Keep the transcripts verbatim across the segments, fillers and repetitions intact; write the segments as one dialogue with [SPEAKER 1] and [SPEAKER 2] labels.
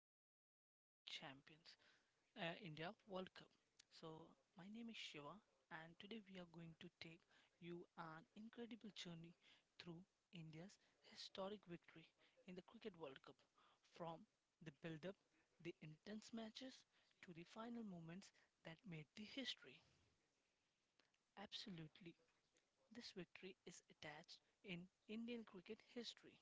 [SPEAKER 1] and welcome to Cricket Champions uh, India World Cup. So my name is Shiva and today we are going to take you an incredible journey through India's historic victory in the Cricket World Cup from the build up, the intense matches to the final moments that made the history. Absolutely. This victory is attached in Indian cricket history.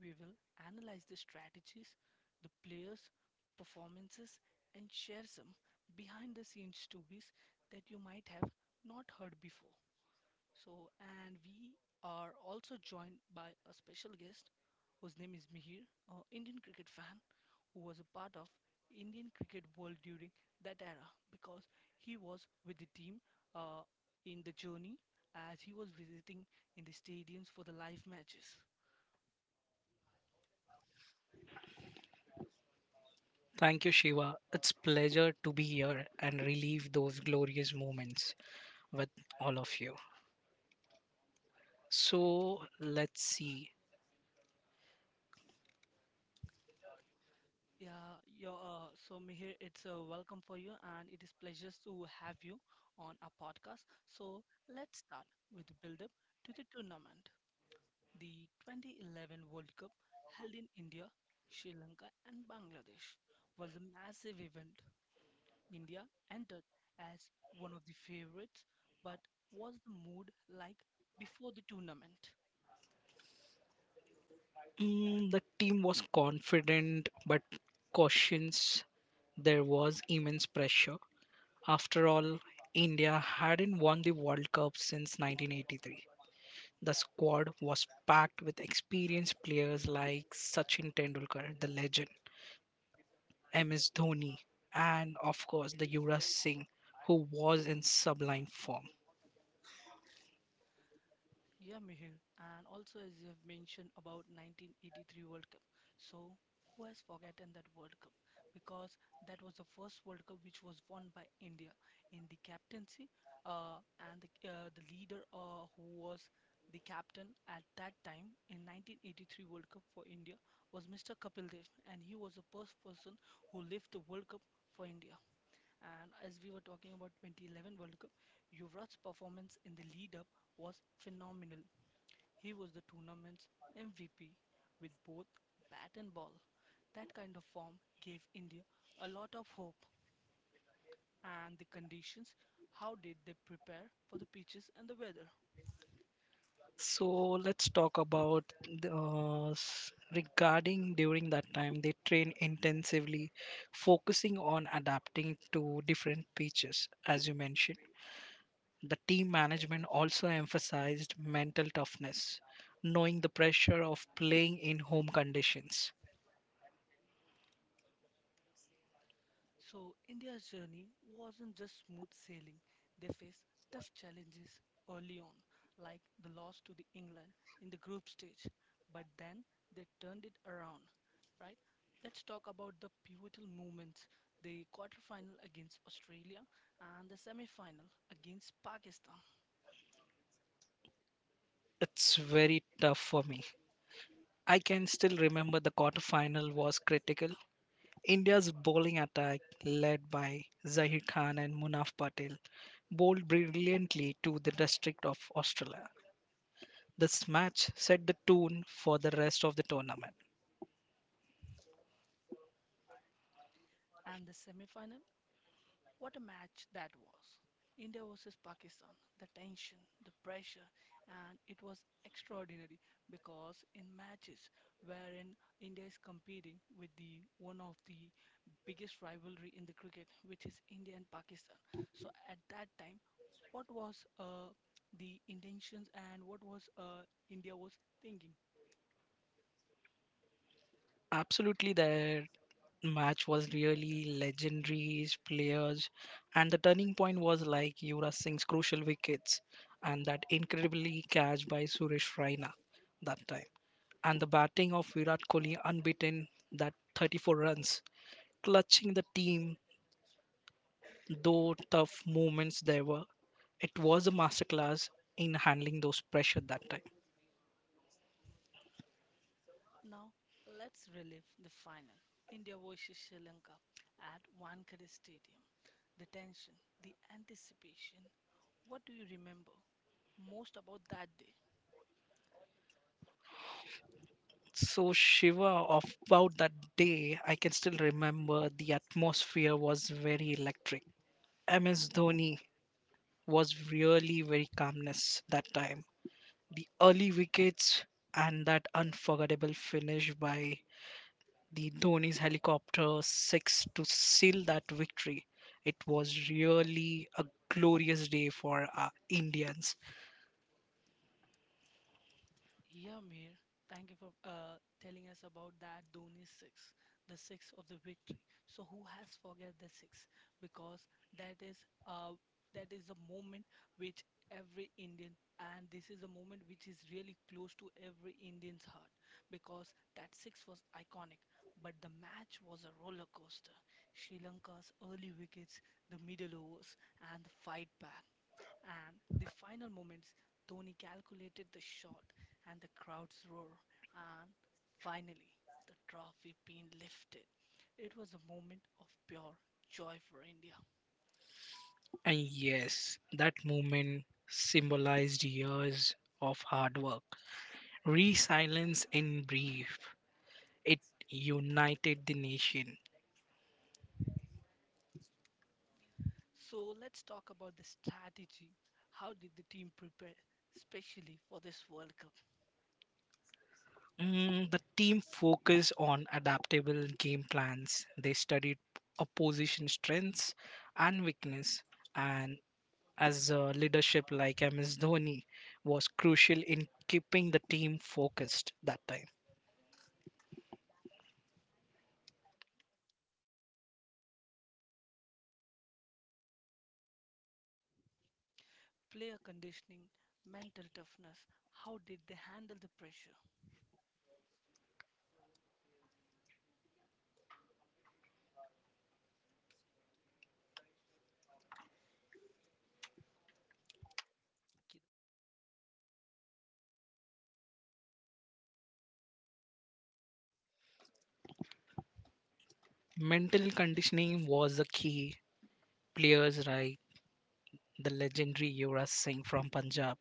[SPEAKER 1] We will analyze the strategies, the players, performances, and share some behind the scenes stories that you might have not heard before. So, and we are also joined by a special guest whose name is Mihir, an Indian cricket fan who was a part of Indian cricket world during that era because he was with the team uh, in the journey as he was visiting in the stadiums for the live matches.
[SPEAKER 2] Thank you, Shiva. It's pleasure to be here and relive those glorious moments with all of you. So let's see.
[SPEAKER 1] Yeah, your uh, so Mihir, it's a welcome for you, and it is pleasure to have you on our podcast. So let's start with the build-up to the tournament. The two thousand eleven World Cup held in India, Sri Lanka, and Bangladesh was a massive event. India entered as one of the favorites, but was the mood like before the tournament?
[SPEAKER 2] Mm, the team was confident but cautious. There was immense pressure. After all, India hadn't won the World Cup since nineteen eighty-three. The squad was packed with experienced players like Sachin Tendulkar, the legend, M S Dhoni, and of course the Yuvraj Singh, who was in sublime form.
[SPEAKER 1] Yeah, Mihir, and also as you have mentioned about nineteen eighty-three World Cup. So, who has forgotten that World Cup? Because that was the first World Cup which was won by India in the captaincy, uh, and the, uh, the leader uh, who was the captain at that time in nineteen eighty-three World Cup for India was mister Kapil Dev, and he was the first person who lived the World Cup for India. And as we were talking about twenty eleven World Cup, Yuvraj's performance in the lead up was phenomenal. He was the tournament's M V P with both bat and ball. That kind of form gave India a lot of hope. And the conditions, how did they prepare for the pitches and the weather?
[SPEAKER 2] So let's talk about the, uh, s- regarding during that time they train intensively, focusing on adapting to different pitches, as you mentioned. The team management also emphasized mental toughness, knowing the pressure of playing in home conditions.
[SPEAKER 1] So, India's journey wasn't just smooth sailing. They faced tough challenges early on, like the loss to the England in the group stage, but then they turned it around, right? Let's talk about the pivotal moments, the quarterfinal against Australia and the semi-final against Pakistan
[SPEAKER 2] It's very tough for me. I can still remember the quarterfinal was critical. India's bowling attack, led by Zahir Khan and Munaf Patel, bowled brilliantly to the district of Australia. This match set the tone for the rest of the tournament.
[SPEAKER 1] and the semi-final. What a match that was! India versus Pakistan, the tension, the pressure, and it was extraordinary because in matches wherein India is competing with the one of the biggest rivalry in the cricket, which is India and Pakistan. So at that time, what was uh, the intentions and what was uh, India was thinking?
[SPEAKER 2] Absolutely, that match was really legendary players, and the turning point was like Yuvraj Singh's crucial wickets and that incredibly catch by Suresh Raina that time, and the batting of Virat Kohli unbeaten that thirty-four runs, clutching the team. Though tough moments there were, it was a masterclass in handling those pressure that time.
[SPEAKER 1] Now, let's relive the final. India versus Sri Lanka at Wankhede Stadium. The tension, the anticipation. What do you remember most about that day?
[SPEAKER 2] So Shiva, of about that day, I can still remember the atmosphere was very electric. M S Dhoni was really very calmness that time. The early wickets and that unforgettable finish by the Dhoni's helicopter six to seal that victory. It was really a glorious day for our Indians.
[SPEAKER 1] Yeah, Mir, thank you for uh, telling us about that Dhoni six, the six of the victory. So who has forget the six? Because that is uh that is a moment which every Indian and this is a moment which is really close to every Indian's heart because that six was iconic. But the match was a roller coaster. Sri Lanka's early wickets, the middle overs, and the fight back. And the final moments, Dhoni calculated the shot and the crowd's roar. And finally, the trophy being lifted. It was a moment of pure joy for India.
[SPEAKER 2] And yes, that movement symbolized years of hard work. Resilience in brief, it united the nation.
[SPEAKER 1] So let's talk about the strategy. How did the team prepare, especially for this World Cup?
[SPEAKER 2] Mm, the team focused on adaptable game plans. They studied opposition strengths and weakness. And as a leadership like M S Dhoni was crucial in keeping the team focused that time.
[SPEAKER 1] Player conditioning, mental toughness, how did they handle the pressure?
[SPEAKER 2] Mental conditioning was the key. Players' right the legendary Yuvraj Singh from Punjab,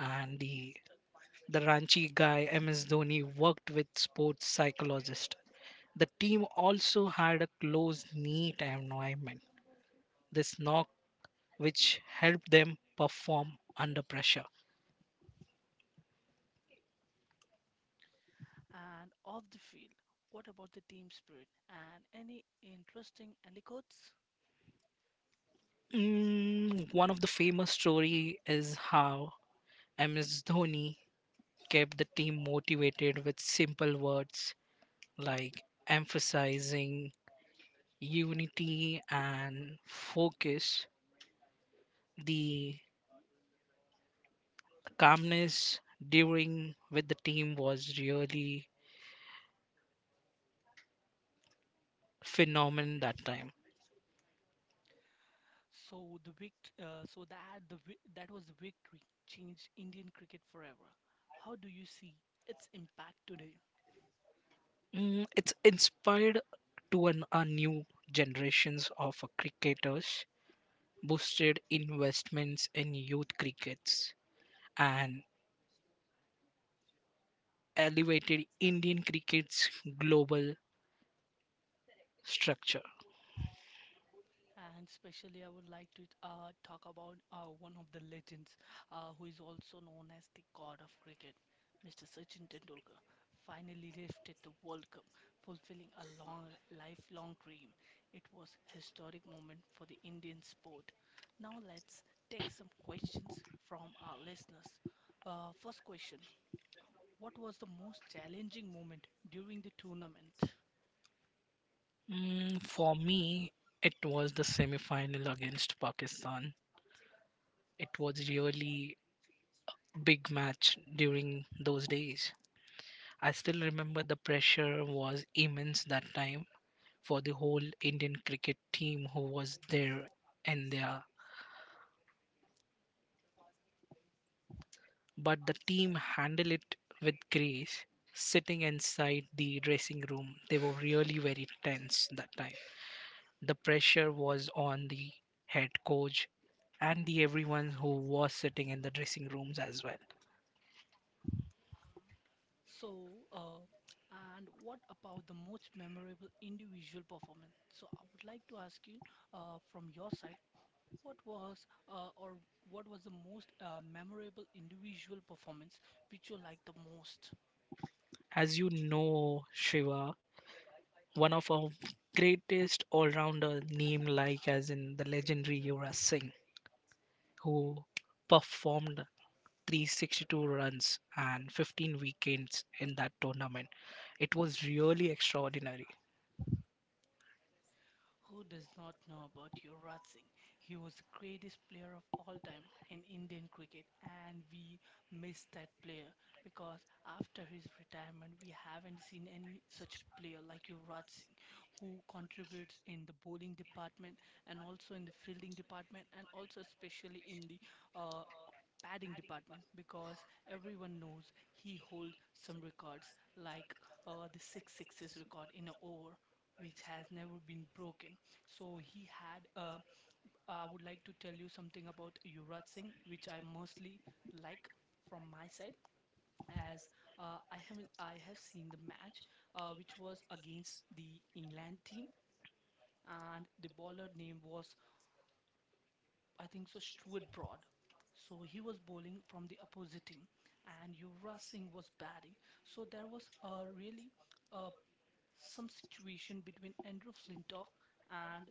[SPEAKER 2] and the, the Ranchi guy M S Dhoni worked with sports psychologist. The team also had a close knit environment. This knock which helped them perform under pressure.
[SPEAKER 1] And off the field, what about the team spirit? And any interesting anecdotes?
[SPEAKER 2] Mm, one of the famous story is how M S Dhoni kept the team motivated with simple words like emphasizing unity and focus. The calmness during with the team was really phenomenon that time.
[SPEAKER 1] So the vict- uh, so that the vi- that was the victory changed Indian cricket forever. How do you see its impact today?
[SPEAKER 2] Mm, it's inspired to an, a new generations of uh, cricketers, boosted investments in youth crickets, and elevated Indian cricket's global structure.
[SPEAKER 1] And especially, I would like to uh, talk about uh, one of the legends, uh, who is also known as the god of cricket, mister Sachin Tendulkar. Finally lifted the World Cup, fulfilling a long, lifelong dream. It was historic moment for the Indian sport. Now let's take some questions from our listeners. Uh, first question. What was the most challenging moment during the tournament?
[SPEAKER 2] Mm, for me, it was the semi-final against Pakistan. It was really big match during those days. I still remember the pressure was immense that time for the whole Indian cricket team who was there and there. But the team handled it with grace. Sitting inside the dressing room, they were really very tense that time. The pressure was on the head coach and the everyone who was sitting in the dressing rooms as well.
[SPEAKER 1] So, uh, and what about the most memorable individual performance? So, I would like to ask you, uh, from your side, what was uh, or what was the most uh, memorable individual performance which you liked the most?
[SPEAKER 2] As you know, Shiva, one of our greatest all-rounder name like as in the legendary Yuvraj Singh who performed three hundred sixty-two runs and fifteen wickets in that tournament. It was really extraordinary.
[SPEAKER 1] Who does not know about Yuvraj Singh? He was the greatest player of all time in Indian cricket, and we miss that player because after his retirement, we haven't seen any such player like Yuvraj Singh who contributes in the bowling department and also in the fielding department and also especially in the uh, Padding department because everyone knows he holds some records like uh, the six sixes record in an over which has never been broken. So he had uh, I would like to tell you something about Yuvraj Singh which I mostly like from my side as uh, I have I have seen the match uh, which was against the England team and the bowler name was I think so, Stuart Broad. So he was bowling from the opposite team, and Yuvraj Singh was batting. So there was a really uh, some situation between Andrew Flintoff and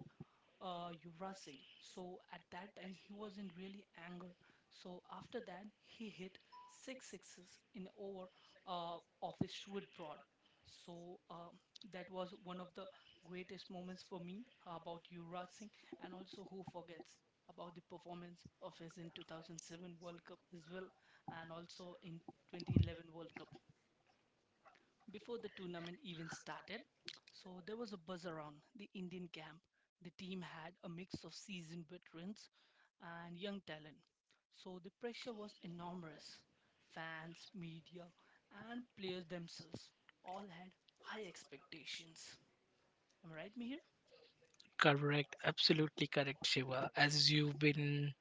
[SPEAKER 1] uh, Yuvraj Singh. So at that time he was in really anger. So after that he hit six sixes in over uh, of the Stuart Broad. So um, that was one of the greatest moments for me uh, about Yuvraj Singh, and also who forgets about the performance of his in two thousand seven World Cup as well, and also in twenty eleven World Cup before the tournament even started. So there was a buzz around the Indian camp. The team had a mix of seasoned veterans and young talent. So the pressure was enormous. Fans, media, and players themselves all had high expectations. Am I right, Mihir?
[SPEAKER 2] Correct, absolutely correct, Shiva. As you've been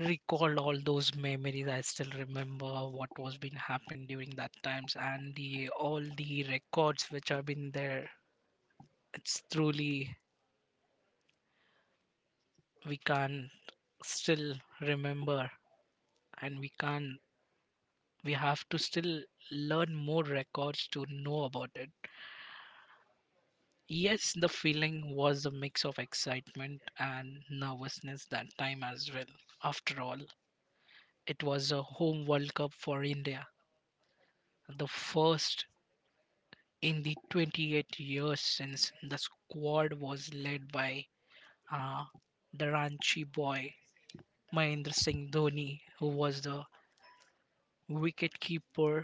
[SPEAKER 2] recalled all those memories, I still remember what was been happened during that times and the all the records which have been there. It's truly we can't still remember and we can't we have to still learn more records to know about it. Yes, the feeling was a mix of excitement and nervousness that time as well. After all, it was a home World Cup for India, the first in the twenty-eight years since the squad was led by uh, the Ranchi boy Mahendra Singh Dhoni, who was the wicketkeeper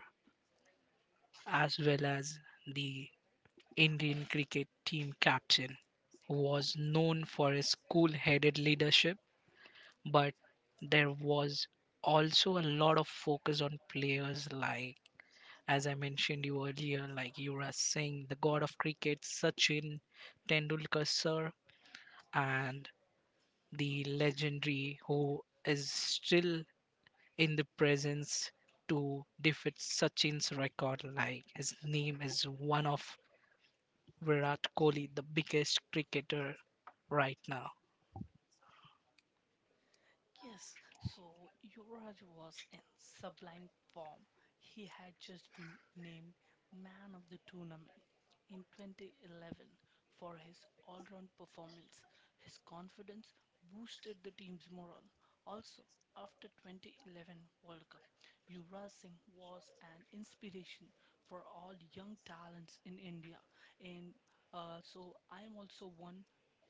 [SPEAKER 2] as well as the Indian cricket team captain who was known for his cool headed leadership, but there was also a lot of focus on players like as I mentioned you earlier, like Yuvraj Singh, the god of cricket, Sachin Tendulkar sir, and the legendary who is still in the presence to defeat Sachin's record. Like his name is one of Virat Kohli, the biggest cricketer right now.
[SPEAKER 1] Yes, so Yuvraj was in sublime form. He had just been named man of the tournament in twenty eleven for his all round performance. His confidence boosted the team's morale. Also, after twenty eleven World Cup, Yuvraj Singh was an inspiration for all young talents in India. And uh, so I'm also one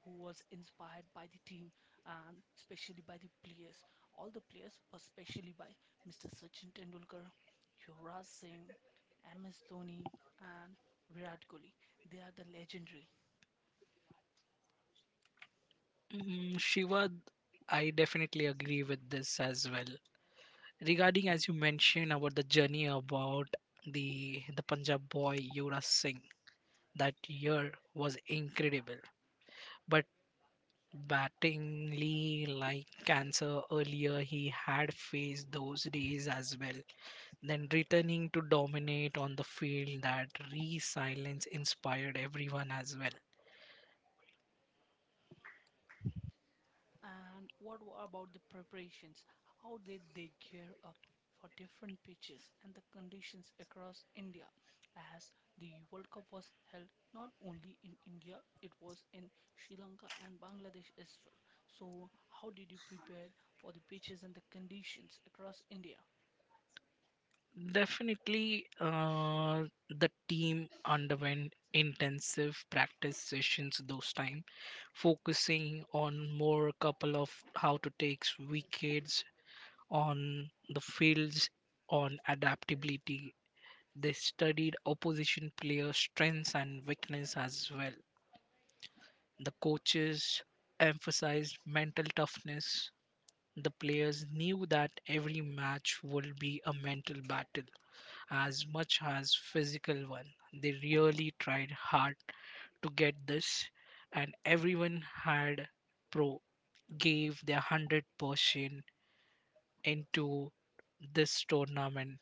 [SPEAKER 1] who was inspired by the team and especially by the players, all the players, but especially by mister Sachin Tendulkar, Yuvraj Singh, M S Dhoni, and Virat Kohli. They are the legendary.
[SPEAKER 2] Mm, Shiva, I definitely agree with this as well. Regarding as you mentioned about the journey about the the Punjab boy Yuvraj Singh, that year was incredible, but battingly like cancer earlier he had faced those days as well, then returning to dominate on the field that resilience inspired everyone as well.
[SPEAKER 1] And what wa- about the preparations? How did they gear up for different pitches and the conditions across India? As the World Cup was held not only in India, it was in Sri Lanka and Bangladesh as well. So, how did you prepare for the pitches and the conditions across India?
[SPEAKER 2] Definitely, uh, the team underwent intensive practice sessions those time, focusing on more couple of how to take wickets on the fields on adaptability. They studied opposition players' strengths and weakness as well. The coaches emphasized mental toughness. The players knew that every match would be a mental battle as much as physical one. They really tried hard to get this, and everyone had pro gave their one hundred percent into this tournament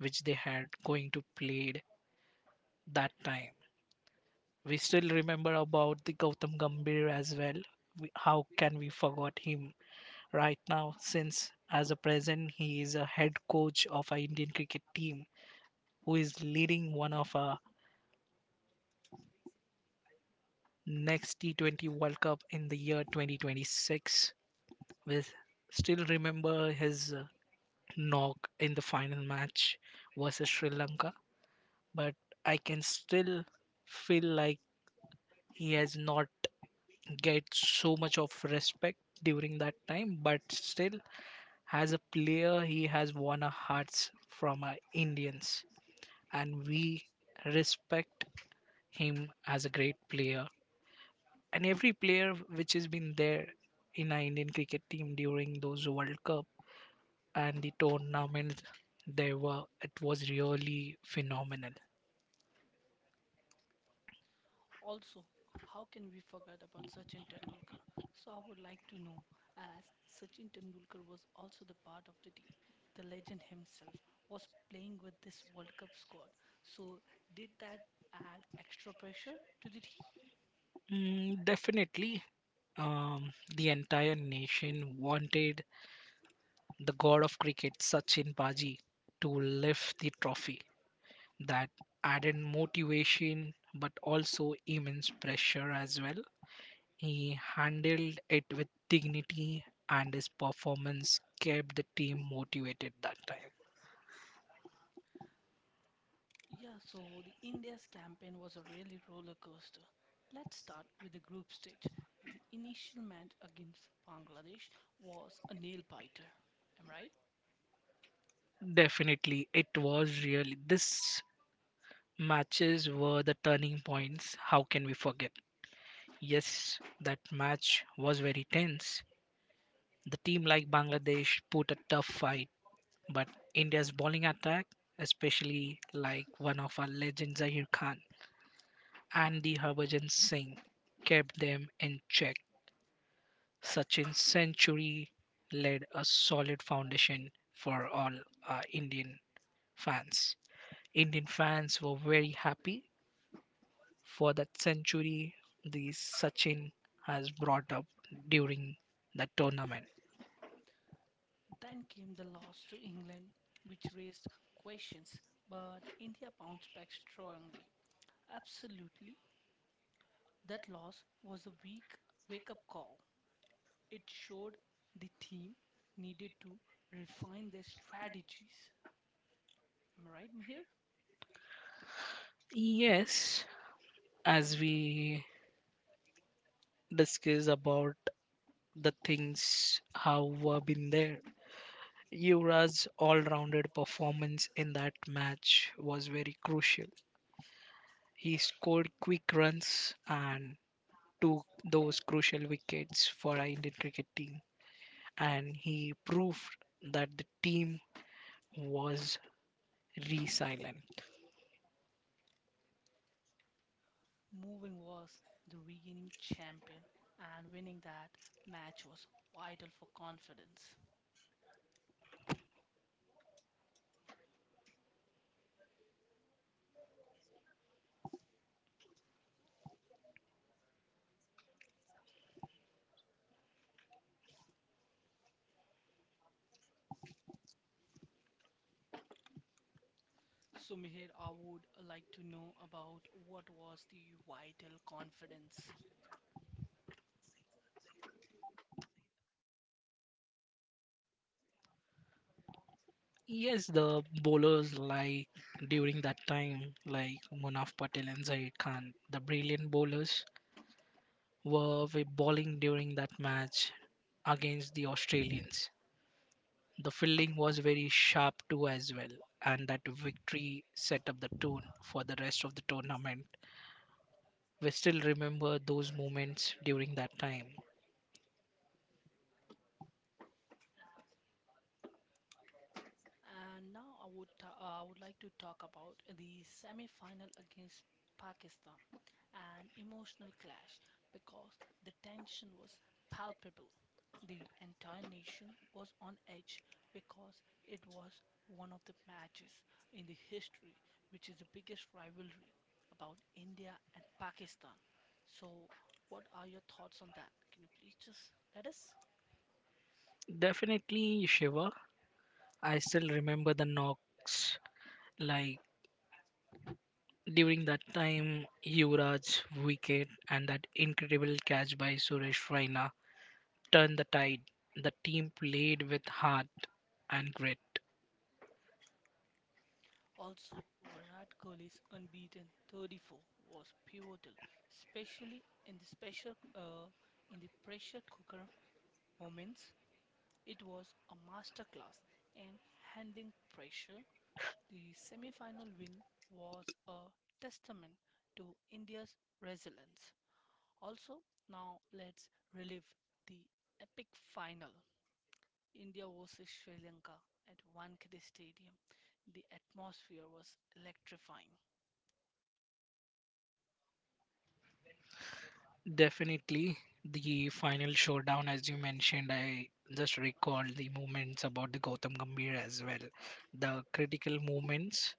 [SPEAKER 2] which they had going to played that time. We still remember about the Gautam Gambhir as well. We, how can we forget him right now since as a present he is a head coach of our Indian cricket team who is leading one of our next T twenty World Cup in the year twenty twenty-six with still remember his uh, knock in the final match versus Sri Lanka, but I can still feel like he has not get so much of respect during that time but still as a player he has won our hearts from our Indians and we respect him as a great player, and every player which has been there in our Indian cricket team during those World Cup and the tournaments they were it was really phenomenal.
[SPEAKER 1] Also, how can we forget about Sachin Tendulkar? So, I would like to know as Sachin Tendulkar was also the part of the team, the legend himself was playing with this World Cup squad. So, did that add extra pressure to the team?
[SPEAKER 2] Mm, definitely, um, the entire nation wanted the god of cricket, Sachin Paji, to lift the trophy. That added motivation, but also immense pressure as well. He handled it with dignity, and his performance kept the team motivated that time.
[SPEAKER 1] Yeah, so the India's campaign was a really roller coaster. Let's start with the group stage. The initial match against Bangladesh was a nail biter. Am I right?
[SPEAKER 2] Definitely, it was really. These matches were the turning points. How can we forget? Yes, that match was very tense. The team like Bangladesh put a tough fight, but India's bowling attack, especially like one of our legends Zahir Khan and the Harbhajan Singh, kept them in check. Sachin's century laid a solid foundation for all uh, Indian fans. Indian fans were very happy for that century the Sachin has brought up during the tournament.
[SPEAKER 1] Then came the loss to England, which raised questions, but India bounced back strongly. Absolutely, that loss was a weak wake up call. It showed the team needed to refine their strategies. Am I right, Mahir?
[SPEAKER 2] Yes, as we discuss about the things how were been there, Yuvraj's all-rounded performance in that match was very crucial. He scored quick runs and took those crucial wickets for our Indian cricket team, and he proved that the team was resilient.
[SPEAKER 1] Moving was the regaining champion, and winning that match was vital for confidence. So, Meher, I would like to know about what was the vital confidence.
[SPEAKER 2] Yes, the bowlers like during that time, like Munaf Patel and Zaid Khan, the brilliant bowlers were bowling during that match against the Australians. The fielding was very sharp too as well, and that victory set up the tone for the rest of the tournament. We still remember those moments during that time.
[SPEAKER 1] And now I would ta- uh, I would like to talk about the semi-final against Pakistan, an emotional clash because the tension was palpable. The entire nation was on edge because it was one of the matches in the history which is the biggest rivalry about India and Pakistan. So, what are your thoughts on that? Can you please just let us?
[SPEAKER 2] Definitely, Shiva. I still remember the knocks. Like during that time, Yuvraj's wicket and that incredible catch by Suresh Raina turned the tide. The team played with heart and grit.
[SPEAKER 1] Also, Virat Kohli's unbeaten thirty-four was pivotal, especially in the special uh, in the pressure cooker moments. It was a masterclass in handling pressure. The semi-final win was a testament to India's resilience. Also, now let's relive the epic final. India versus Sri Lanka at Wankhede Stadium. The atmosphere was electrifying.
[SPEAKER 2] Definitely, the final showdown, as you mentioned, I just recalled the moments about the Gautam Gambhir as well. The critical moments.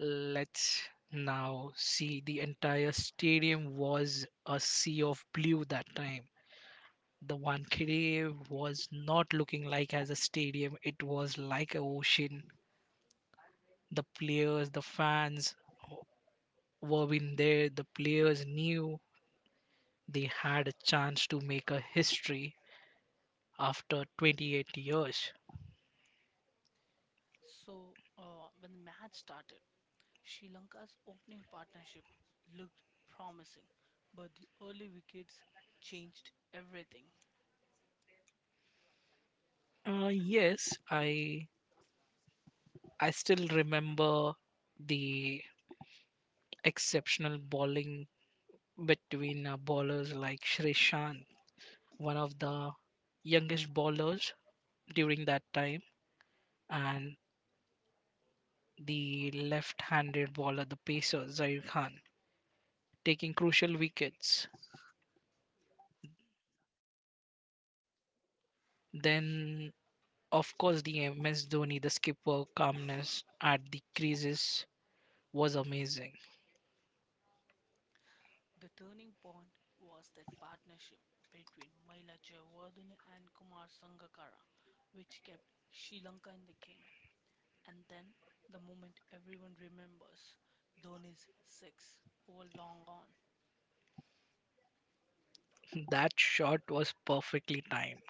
[SPEAKER 2] Let's now see. The entire stadium was a sea of blue that time. The Wankhede was not looking like as a stadium, it was like a ocean. The players, the fans were in there. The players knew they had a chance to make a history after twenty-eight years.
[SPEAKER 1] So, uh, when the match started, Sri Lanka's opening partnership looked promising, but the early wickets changed everything.
[SPEAKER 2] Uh, yes, I I still remember the exceptional bowling between uh, bowlers like Shrishant, one of the youngest bowlers during that time, and the left-handed bowler, the pacer Zair Khan, taking crucial wickets. Then, of course, the M S Dhoni, the skipper calmness at the creases was amazing.
[SPEAKER 1] The turning point was that partnership between Maila Jayawardene and Kumar Sangakkara, which kept Sri Lanka in the game. And then the moment everyone remembers, Dhoni's six over long on.
[SPEAKER 2] That shot was perfectly timed.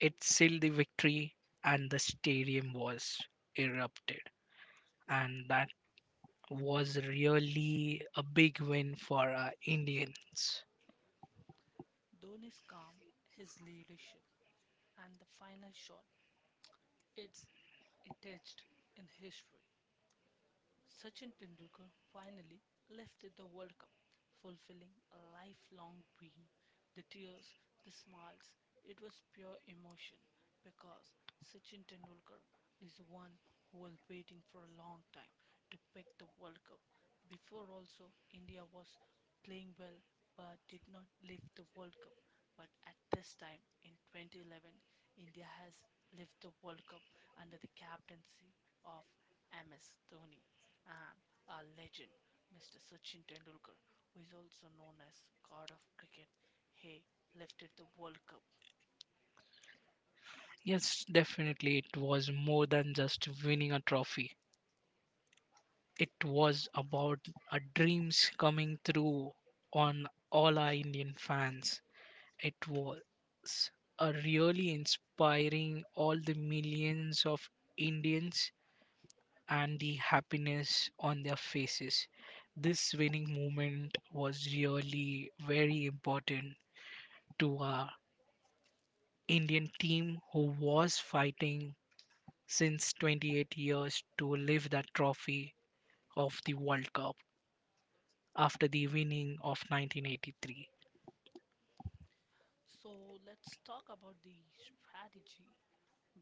[SPEAKER 2] It sealed the victory, and the stadium was erupted. And that was really a big win for our Indians.
[SPEAKER 1] Dhoni's calm, his leadership, and the final shot. It's etched in history. Sachin Tendulkar finally left the World Cup, fulfilling a lifelong dream. The tears, the smiles, it was pure emotion because Sachin Tendulkar is the one who was waiting for a long time to pick the World Cup. Before also, India was playing well but did not lift the World Cup. But at this time in twenty eleven, India has lived the World Cup under the captaincy of M S Dhoni and a legend, mister Sachin Tendulkar, who is also known as God of Cricket. He lifted the World Cup.
[SPEAKER 2] Yes, definitely, it was more than just winning a trophy. It was about our dreams coming through on all our Indian fans. It was a really inspiring all the millions of Indians and the happiness on their faces. This winning moment was really very important to our Indian team who was fighting since twenty-eight years to lift that trophy of the World Cup after the winning of nineteen eighty-three.
[SPEAKER 1] So let's talk about the strategy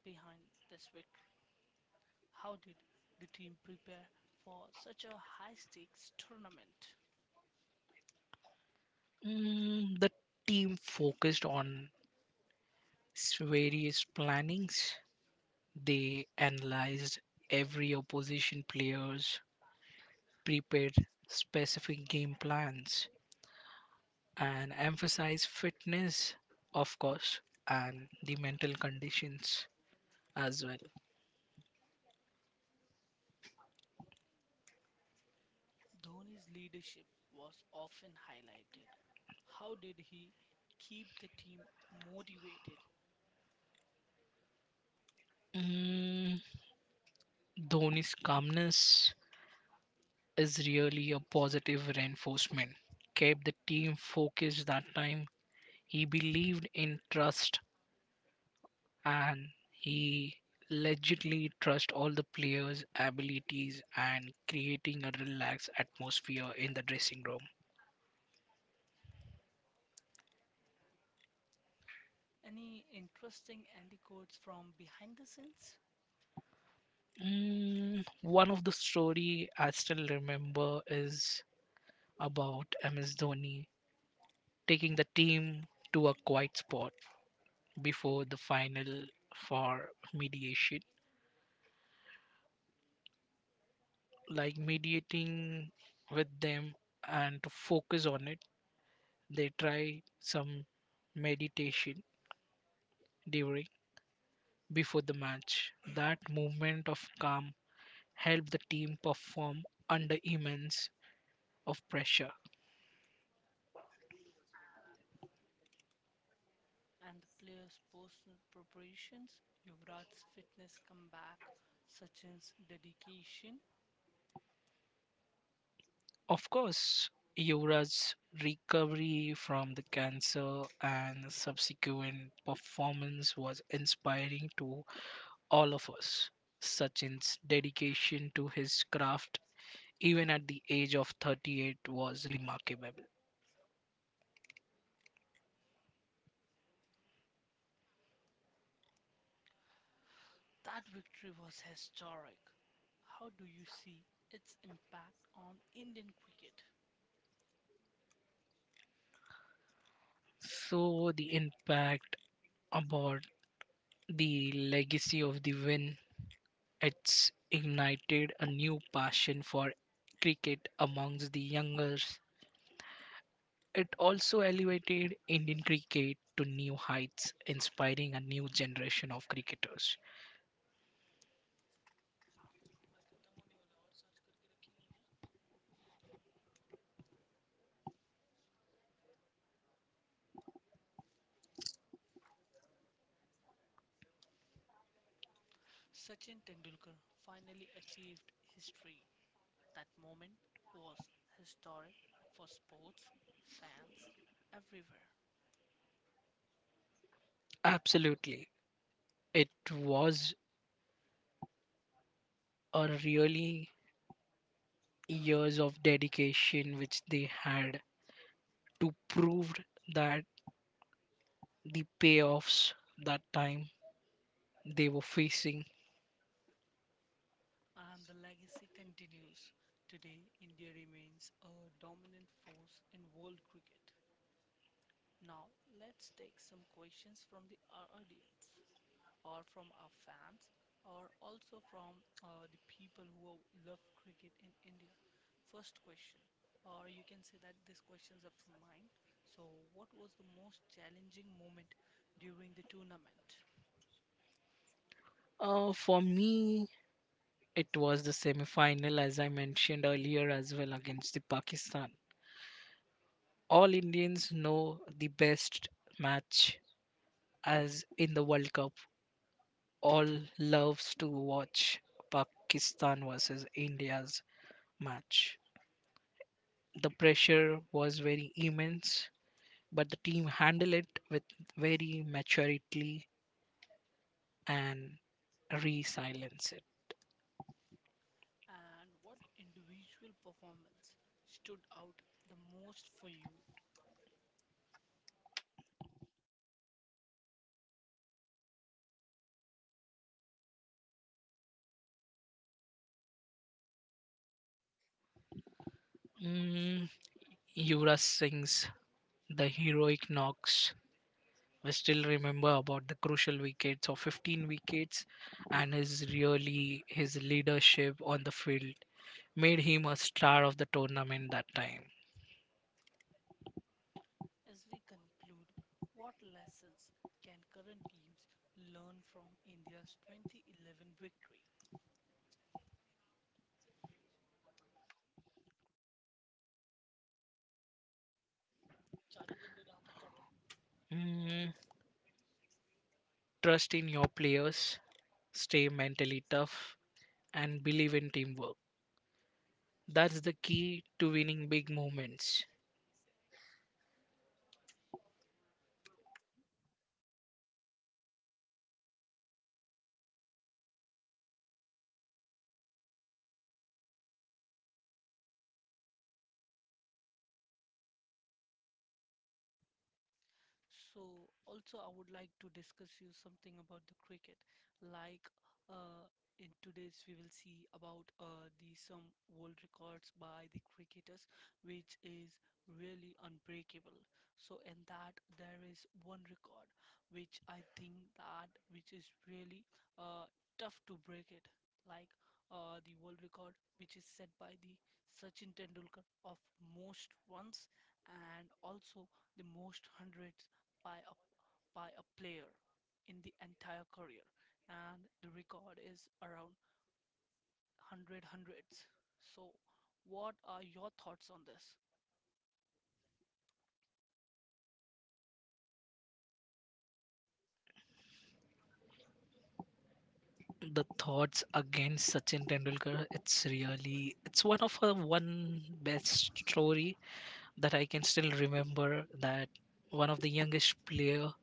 [SPEAKER 1] behind this victory. How did the team prepare for such a high stakes tournament?
[SPEAKER 2] Mm, the team focused on s- various plannings. They analyzed every opposition players, prepared specific game plans, and emphasized fitness, of course, and the mental conditions as well.
[SPEAKER 1] Dhoni's leadership was often highlighted. How did he keep the team motivated?
[SPEAKER 2] Mm, Dhoni's calmness is really a positive reinforcement. Kept the team focused that time. He believed in trust and he legitly trust all the players' abilities and creating a relaxed atmosphere in the dressing room.
[SPEAKER 1] Any interesting anecdotes from behind the scenes?
[SPEAKER 2] Mm, one of the story I still remember is about M S Dhoni taking the team to a quiet spot before the final for mediation like mediating with them and to focus on it they try some meditation during before the match that movement of calm helped the team perform under immense of pressure.
[SPEAKER 1] And the player's personal preparations, Yuvraj's fitness comeback, Sachin's dedication.
[SPEAKER 2] Of course, Yura's recovery from the cancer and subsequent performance was inspiring to all of us. Sachin's dedication to his craft even at the age of thirty-eight was remarkable.
[SPEAKER 1] That victory was historic. How do you see its impact on Indian cricket?
[SPEAKER 2] So the impact about the legacy of the win, it's ignited a new passion for cricket amongst the youngers. It also elevated Indian cricket to new heights, inspiring a new generation of cricketers.
[SPEAKER 1] Sachin Tendulkar finally achieved history. That moment was historic for sports, fans, everywhere.
[SPEAKER 2] Absolutely. It was a really years of dedication which they had to prove that the payoffs that time they were facing.
[SPEAKER 1] And the legacy continues. Today, India remains a dominant force in world cricket. Now, let's take some questions from the, our audience or from our fans, or also from uh, the people who love cricket in India. First question, or you can say that these questions are from mine. So, what was the most challenging moment during the tournament?
[SPEAKER 2] Uh, for me, it was the semi-final, as I mentioned earlier, as well against the Pakistan. All Indians know the best match as in the World Cup. All loves to watch Pakistan versus India's match. The pressure was very immense, but the team handled it with very maturity and resilience it.
[SPEAKER 1] And what individual performance stood out the most for you?
[SPEAKER 2] Mm, Yuvraj Singh's the heroic knocks. We still remember about the crucial wickets of fifteen wickets and his really his leadership on the field made him a star of the tournament that time.
[SPEAKER 1] As we conclude, what lessons can current teams learn from India's twenty eleven victory?
[SPEAKER 2] Mm, Trust in your players, stay mentally tough and believe in teamwork. That's the key to winning big moments.
[SPEAKER 1] So also I would like to discuss you something about the cricket. Like uh, in today's we will see about uh, the some world records by the cricketers, which is really unbreakable. So in that there is one record which I think that which is really uh, tough to break it. Like uh, the world record which is set by the Sachin Tendulkar of most runs, and also the most hundreds by a by a player in the entire career, and the record is around one hundred hundreds. So what are your thoughts on this?
[SPEAKER 2] The thoughts against Sachin Tendulkar, it's really it's one of her one best story that I can still remember that one of the youngest player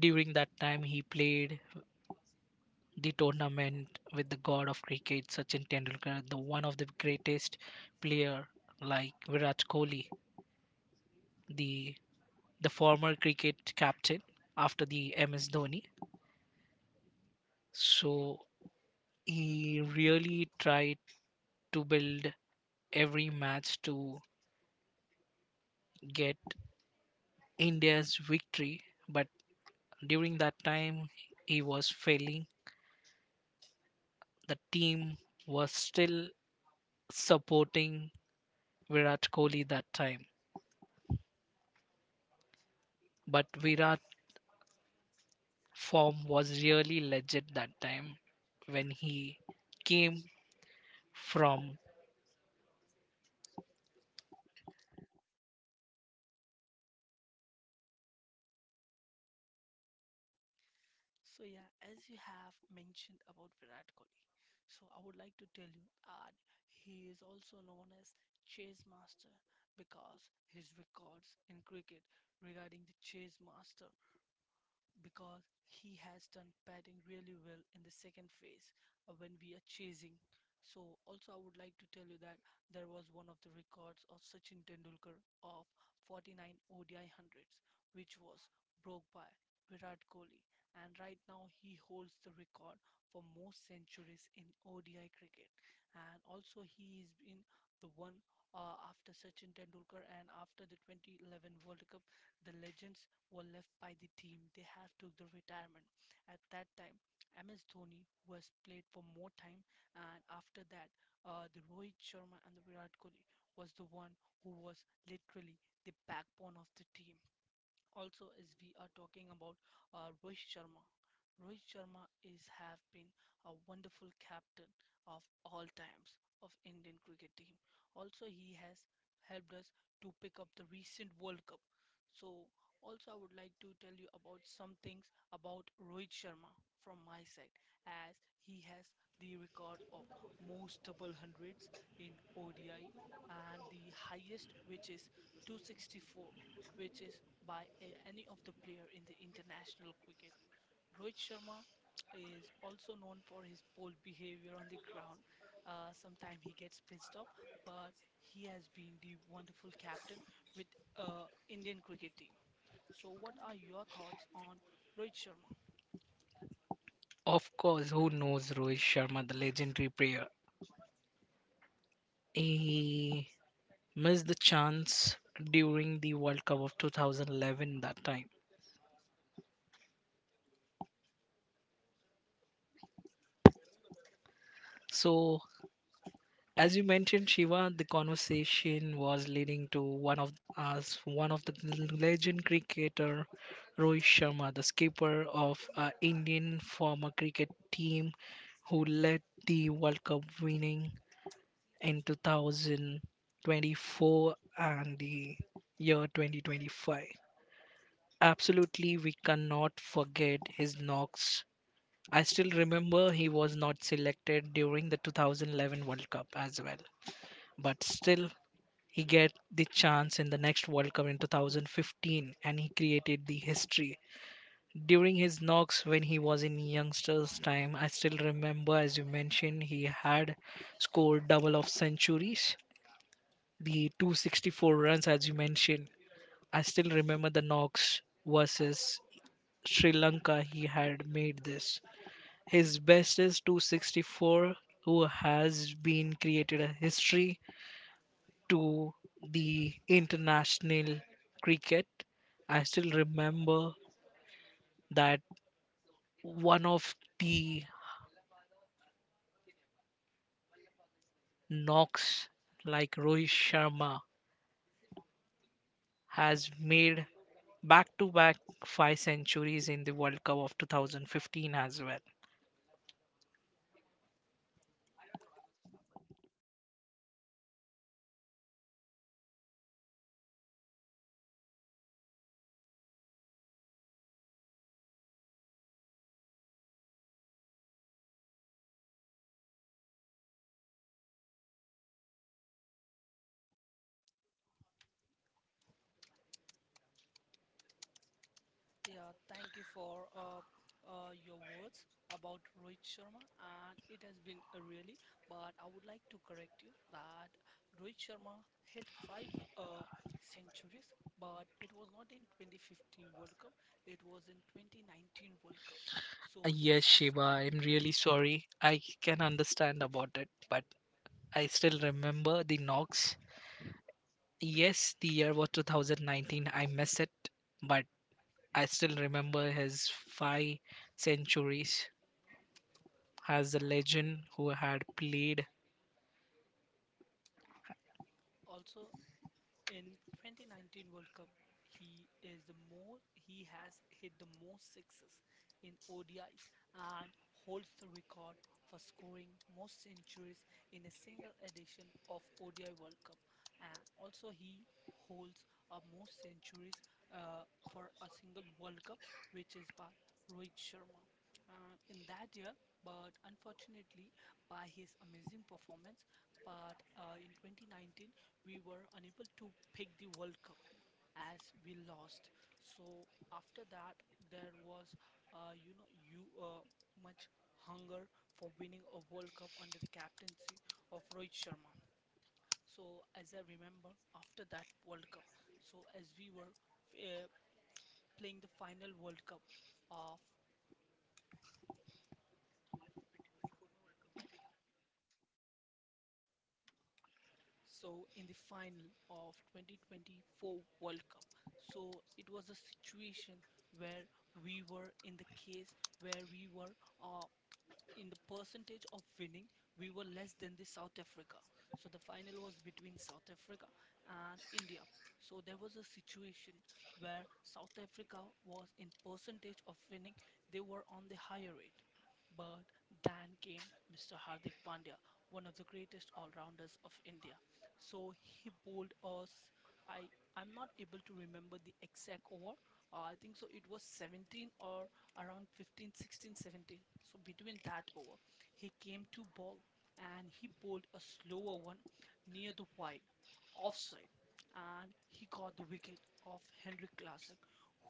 [SPEAKER 2] during that time he played the tournament with the god of cricket Sachin Tendulkar, the one of the greatest player like Virat Kohli, the the former cricket captain after the M S Dhoni. So he really tried to build every match to get India's victory, but during that time he was failing the team was still supporting Virat Kohli that time. But Virat form was really legit that time when he came from,
[SPEAKER 1] So yeah, as you have mentioned about Virat Kohli, so I would like to tell you that he is also known as chase master because his records in cricket regarding the chase master, because he has done batting really well in the second phase, uh, when we are chasing. So also I would like to tell you that there was one of the records of Sachin Tendulkar of forty-nine O D I hundreds, which was broke by Virat Kohli, and right now he holds the record for most centuries in O D I cricket. And also he is in the one, uh, after Sachin Tendulkar. And after the twenty eleven World Cup, the legends were left by the team, they have took the retirement. At that time, M S Dhoni was played for more time, and after that, uh, the Rohit Sharma and the Virat Kohli was the one who was literally the backbone of the team. Also, as we are talking about uh, Rohit Sharma. Rohit Sharma is have been a wonderful captain of all times of Indian cricket team. Also he has helped us to pick up the recent World Cup. So also I would like to tell you about some things about Rohit Sharma from my side, as he has the record of most double hundreds in O D I, and the highest which is two sixty-four, which is by a- any of the player in the international cricket. Rohit Sharma is also known for his bold behavior on the ground. Uh, sometimes he gets pissed off, but he has been the wonderful captain with uh, Indian cricket team. So, what are your thoughts on Rohit Sharma?
[SPEAKER 2] of course, who knows Rohit Sharma, the legendary player. He missed the chance during the World Cup of two thousand eleven that time. So as you mentioned Shiva, the conversation was leading to one of us one of the legend cricketer Rohit Sharma, the skipper of uh, Indian former cricket team who led the World Cup winning in two thousand twenty-four and the year twenty twenty-five. Absolutely, we cannot forget his knocks. I still remember he was not selected during the two thousand eleven World Cup as well, but still he get the chance in the next World Cup in two thousand fifteen and he created the history. During his knocks when he was in youngsters time, I still remember as you mentioned he had scored double of centuries, the two hundred sixty-four runs as you mentioned. I still remember the knocks versus Sri Lanka he had made this. His best is two hundred sixty-four who has been created a history to the international cricket. I still remember that one of the knocks like Rohit Sharma has made back to back five centuries in the World Cup of two thousand fifteen as well.
[SPEAKER 1] Yeah, thank you for uh, uh, your words about Rohit Sharma, and it has been a really. But I would like to correct you that Rohit Sharma hit five uh, centuries, but it was not in twenty fifteen World Cup. It was in twenty nineteen World Cup.
[SPEAKER 2] Uh,
[SPEAKER 1] So he
[SPEAKER 2] Yes,
[SPEAKER 1] has
[SPEAKER 2] Shiva,
[SPEAKER 1] got
[SPEAKER 2] I'm really sorry. I can understand about it, but I still remember the knocks. Yes, the year was two thousand nineteen. I miss it, but I still remember his five centuries as a legend who had played.
[SPEAKER 1] also. In twenty nineteen World Cup, he is the most, he has hit the most sixes in O D Is and holds the record for scoring most centuries in a single edition of O D I World Cup. And also he holds a most centuries, uh, for a single World Cup, which is by Rohit Sharma. And in that year, but unfortunately, by his amazing performance, but uh, in twenty nineteen we were unable to pick the World Cup as we lost. So after that, there was, uh, you know, you uh, much hunger for winning a World Cup under the captaincy of Rohit Sharma. So as I remember, after that World Cup, so as we were uh, playing the final World Cup of. So in the final of twenty twenty-four World Cup, so it was a situation where we were in the case where we were uh, in the percentage of winning, we were less than the South Africa. So the final was between South Africa and India. So there was a situation where South Africa was in percentage of winning, they were on the higher rate. But then came mister Hardik Pandya, one of the greatest all-rounders of India. So he bowled us. I I'm not able to remember the exact over. Uh, I think so. It was seventeen, or around fifteen, sixteen, seventeen. So between that over, he came to ball and he bowled a slower one near the wide offside, and he got the wicket of Henrik Classic,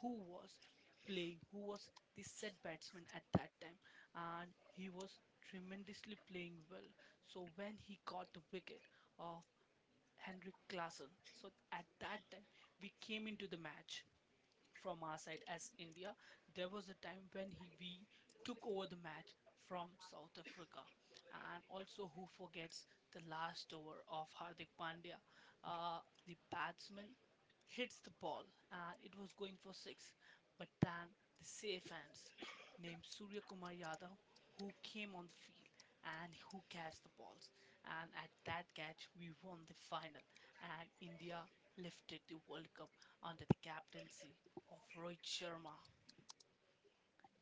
[SPEAKER 1] who was playing, who was the set batsman at that time, and he was tremendously playing well. So when he got the wicket of Henrik Klassen, so at that time we came into the match from our side as India. There was a time when he, we took over the match from South Africa. And also, who forgets the last over of Hardik Pandya? Uh, the batsman hits the ball and it was going for six, but then the safe hands named Surya Kumar Yadav, who came on the field and who catch the balls, and at that catch we won the final and India lifted the World Cup under the captaincy of Rohit Sharma.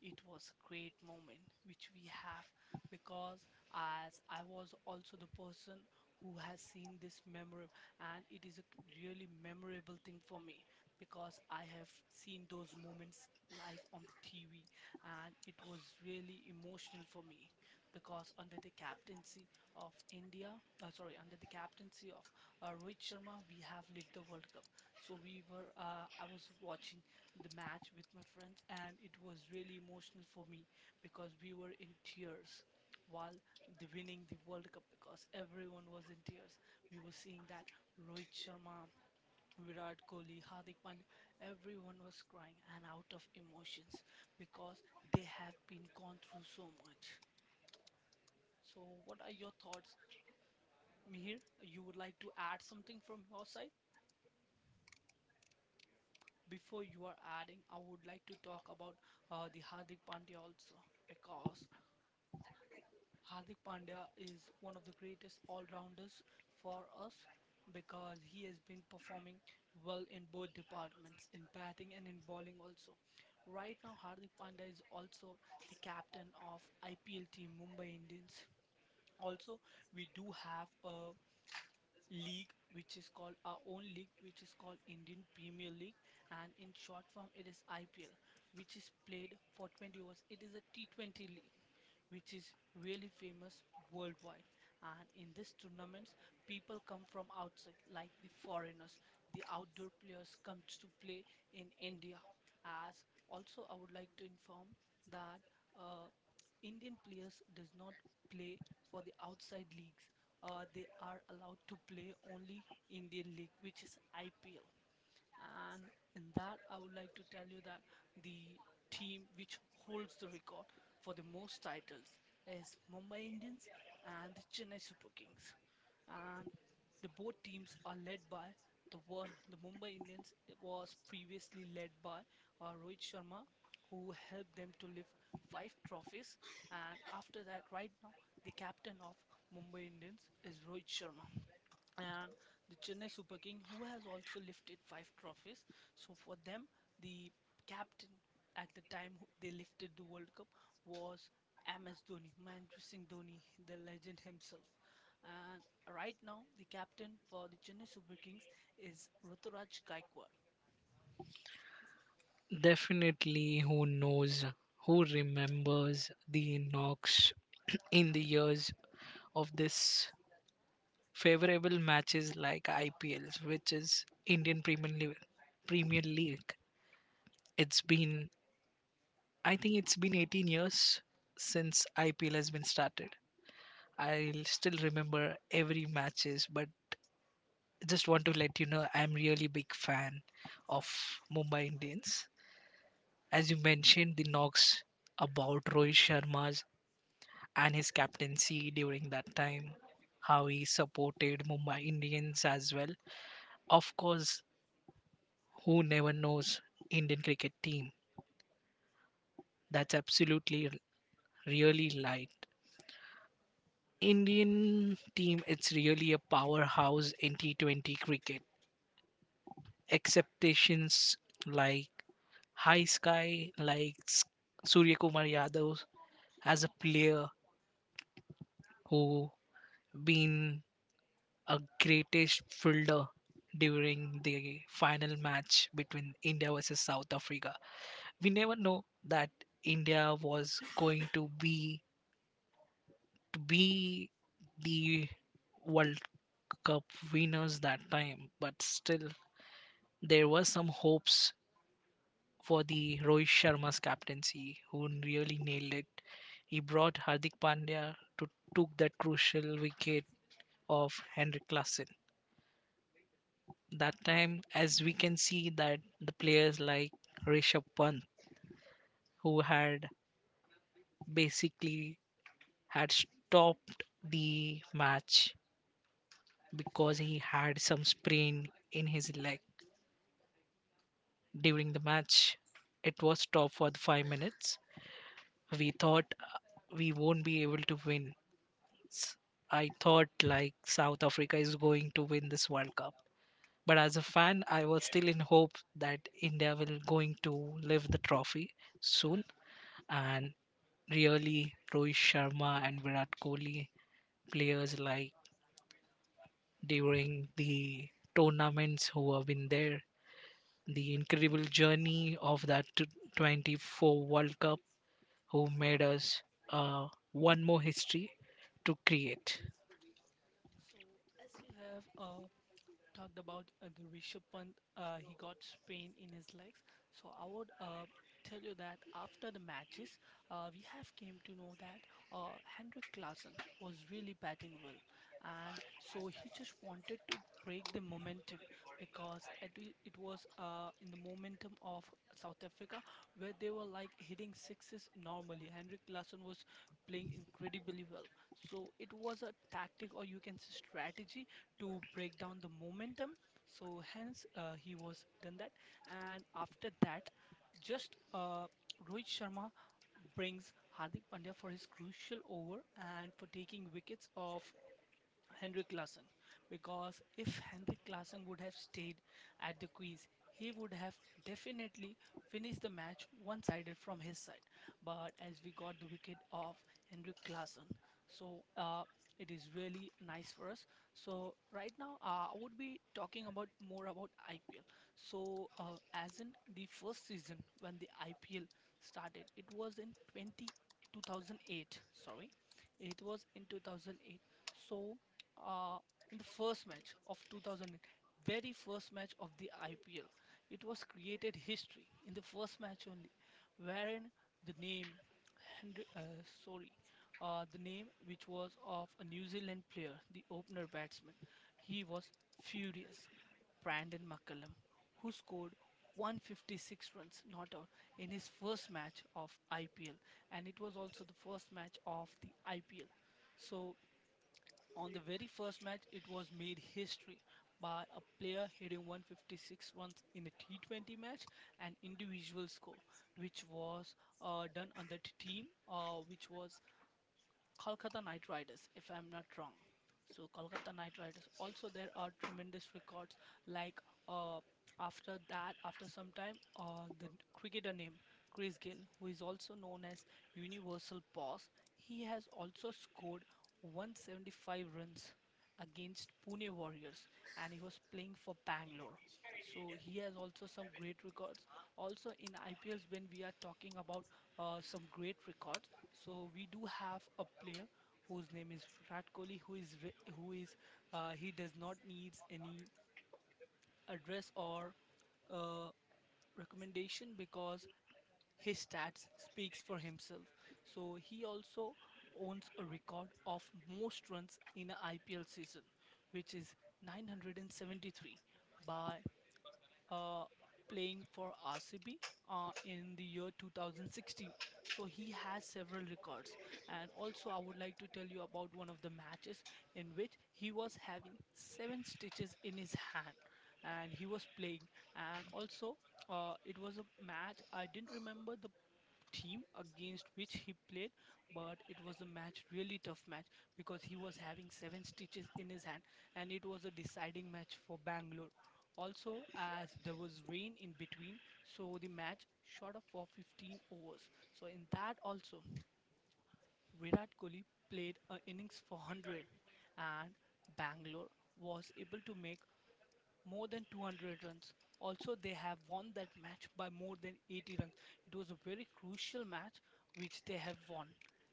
[SPEAKER 1] It was a great moment which we have, because as I was also the person who has seen this memory, and it is a really memorable thing for me, because I have seen those moments live on the T V, and it was really emotional for me because under the captaincy of India, uh, sorry, under the captaincy of uh, Rohit Sharma, we have lived the World Cup. So we were, uh, I was watching the match with my friends, and it was really emotional for me because we were in tears while the winning the World Cup, because everyone was in tears. We were seeing that Rohit Sharma, Virat Kohli, Hardik Pandya, everyone was crying and out of emotions because they have been gone through so much. So, what are your thoughts, Mihir? You would like to add something from your side? Before you are adding, I would like to talk about uh, the Hardik Pandya also, because Hardik Pandya is one of the greatest all-rounders for us, because he has been performing well in both departments, in batting and in bowling also. Right now, Hardik Pandya is also the captain of I P L team Mumbai Indians. Also, we do have a league which is called our own league, which is called Indian Premier League, and in short form, it is I P L, which is played for twenty overs. It is a T twenty league which is really famous worldwide. And in these tournaments, people come from outside, like the foreigners. The outdoor players come to play in India. As also, I would like to inform that uh, Indian players does not play for the outside leagues. Uh, they are allowed to play only Indian league, which is I P L. And in that, I would like to tell you that the team which holds the record for the most titles is Mumbai Indians and the Chennai Super Kings. And the both teams are led by the one, the Mumbai Indians was previously led by uh, Rohit Sharma, who helped them to lift five trophies. And after that, right now, the captain of Mumbai Indians is Rohit Sharma, and the Chennai Super King, who has also lifted five trophies. So for them, the captain at the time who- they lifted the World Cup was M S Dhoni, Mahendra Singh Dhoni, the legend himself. And right now, the captain for the Chennai Super Kings is Ruturaj Gaikwad.
[SPEAKER 2] Definitely who knows, who remembers the knocks in the years of this favorable matches like I P Ls, which is Indian Premier League. Premier League. It's been, I think it's been eighteen years since I P L has been started. I still remember every matches, but just want to let you know I'm really big fan of Mumbai Indians. As you mentioned, the knocks about Rohit Sharma's and his captaincy during that time, how he supported Mumbai Indians as well. Of course, who never knows Indian cricket team? That's absolutely r- really light. Indian team, it's really a powerhouse in T twenty cricket. Acceptations like high sky like S- Surya Kumar Yadav as a player who been a greatest fielder during the final match between India versus South Africa. We never know that India was going to be to be the World Cup winners that time, but still there were some hopes for the Rohit Sharma's captaincy, who really nailed it. He brought Hardik Pandya to took that crucial wicket of Henrik Lassen. That time, as we can see, that the players like Rishabh Pant, who had basically had stopped the match because he had some sprain in his leg during the match. It was stopped for the five minutes. We thought uh, we won't be able to win s- I thought like South Africa is going to win this World Cup. But as a fan, I was still in hope that India will going to lift the trophy soon. And really, Rohit Sharma and Virat Kohli, players like during the tournaments who have been there, the incredible journey of that t- twenty-four World Cup, who made us uh, one more history to create.
[SPEAKER 1] So as we have a talked about uh, the Rishabh Pant. Uh, he got sprain in his legs, so I would uh, tell you that after the matches, uh, we have came to know that uh, Henrik Klassen was really batting well, and so he just wanted to break the momentum because at the- it was uh, in the momentum of South Africa where they were like hitting sixes normally. Henrik Larsson was playing incredibly well. So it was a tactic, or you can say strategy, to break down the momentum. So hence uh, he was done that, and after that, just uh, Rohit Sharma brings Hardik Pandya for his crucial over and for taking wickets of Henrik Larsson, because if Henrik Larsson would have stayed at the crease, he would have definitely finished the match one sided from his side. But as we got the wicket of Henrik Larsson, so uh, it is really nice for us. So, right now, uh, I would be talking about more about I P L. So, uh, as in the first season when the I P L started, it was in twenty two thousand eight. sorry, it was in two thousand eight. So, uh, in the first match of two thousand eight, very first match of the I P L. It was created history in the first match only, wherein the name, Henry, uh, sorry, uh, the name which was of a New Zealand player, the opener batsman, he was furious. Brandon McCullum, who scored one hundred fifty-six runs, not out, in his first match of I P L, and it was also the first match of the I P L. So on the very first match, it was made history by a player hitting one hundred fifty-six runs in a T twenty match, an individual score, which was uh, done on the t- team, uh, which was Kolkata Knight Riders, if I'm not wrong. So Kolkata Knight Riders. Also, there are tremendous records. Like uh, after that, after some time, uh, the n- cricketer name Chris Gill, who is also known as Universal Boss, he has also scored one hundred seventy-five runs against Pune Warriors, and he was playing for Bangalore. So he has also some great records. Also in I P Ls, when we are talking about uh, some great records, so we do have a player whose name is Virat Kohli, who is re- who is uh, he does not needs any address or uh, recommendation because his stats speaks for himself. So he also owns a record of most runs in a I P L season, which is nine hundred seventy-three by uh, playing for R C B uh, in the year two thousand sixteen. So he has several records. And also, I would like to tell you about one of the matches in which he was having seven stitches in his hand and he was playing. And also, uh, it was a match, I didn't remember the team against which he played, but it was a match really tough match, because he was having seven stitches in his hand, and it was a deciding match for Bangalore, also as there was rain in between, so the match shot up for fifteen overs. So in that also, Virat Kohli played an innings for one hundred, and Bangalore was able to make more than two hundred runs. Also, they have won that match by more than eighty runs. It was a very crucial match which they have won,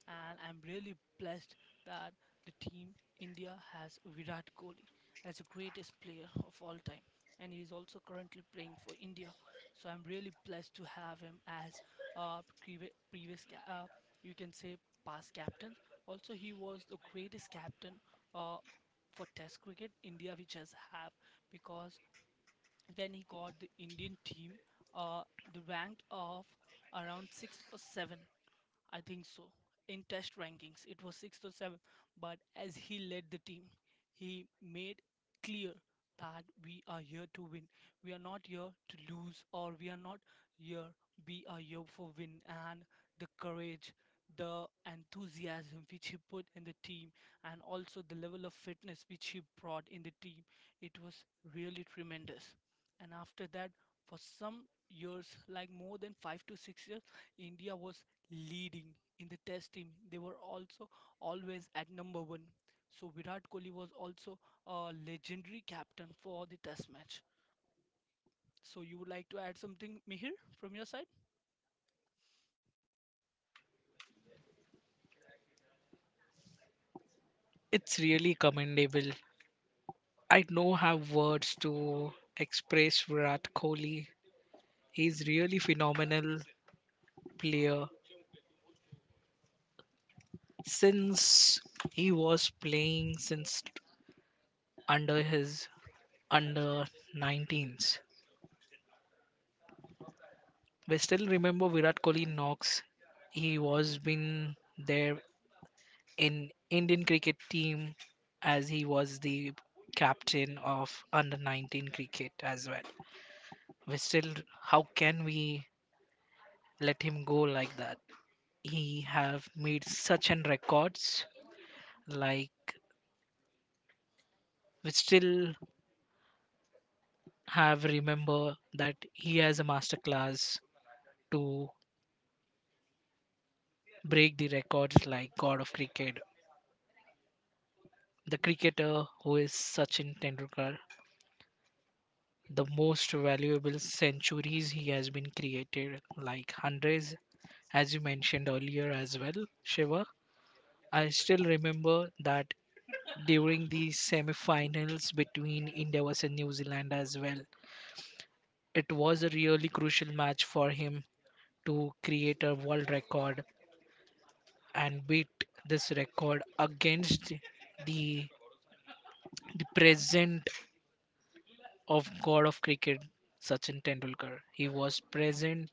[SPEAKER 1] and I'm really blessed that the team India has Virat Kohli as the greatest player of all time, and he is also currently playing for India. So I'm really blessed to have him as uh, previ- previous, ca- uh, you can say, past captain. Also, he was the greatest captain uh, for Test cricket India, which has have, because when he got the Indian team, uh, the ranked of around six or seven. I think so. In test rankings, it was sixth or seventh, but as he led the team, he made clear that we are here to win. We are not here to lose, or we are not here. We are here for win. And the courage, the enthusiasm which he put in the team, and also the level of fitness which he brought in the team, it was really tremendous. And after that, for some years, like more than five to six years, India was leading in the test team. They were also always at number one. So Virat Kohli was also a legendary captain for the test match. So you would like to add something, Mihir, from your side?
[SPEAKER 2] It's really commendable. I don't have words to express Virat Kohli. He's really phenomenal player. Since he was playing since under his under nineteens, we still remember Virat Kohli knocks. He was been there in Indian cricket team as he was the captain of under nineteen cricket as well. We still how can we let him go like that? He have made such an records like we still have remember that he has a master class to break the records like god of cricket the cricketer who is Sachin Tendulkar, the most valuable centuries he has been created like hundreds as you mentioned earlier as well, Shiva. I still remember that during the semi-finals between India versus New Zealand as well, it was a really crucial match for him to create a world record and beat this record against the the present of god of cricket Sachin Tendulkar. He was present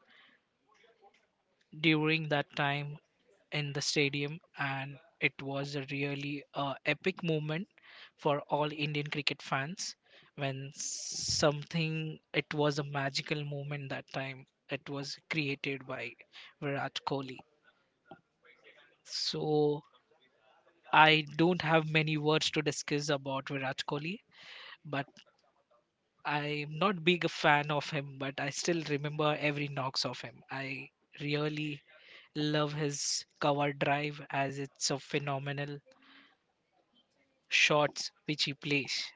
[SPEAKER 2] during that time in the stadium and it was a really uh, epic moment for all Indian cricket fans when something it was a magical moment that time it was created by Virat Kohli. So I don't have many words to discuss about Virat Kohli, but I'm not big a fan of him, but I still remember every knocks of him. I really love his cover drive as it's a phenomenal shots which he plays.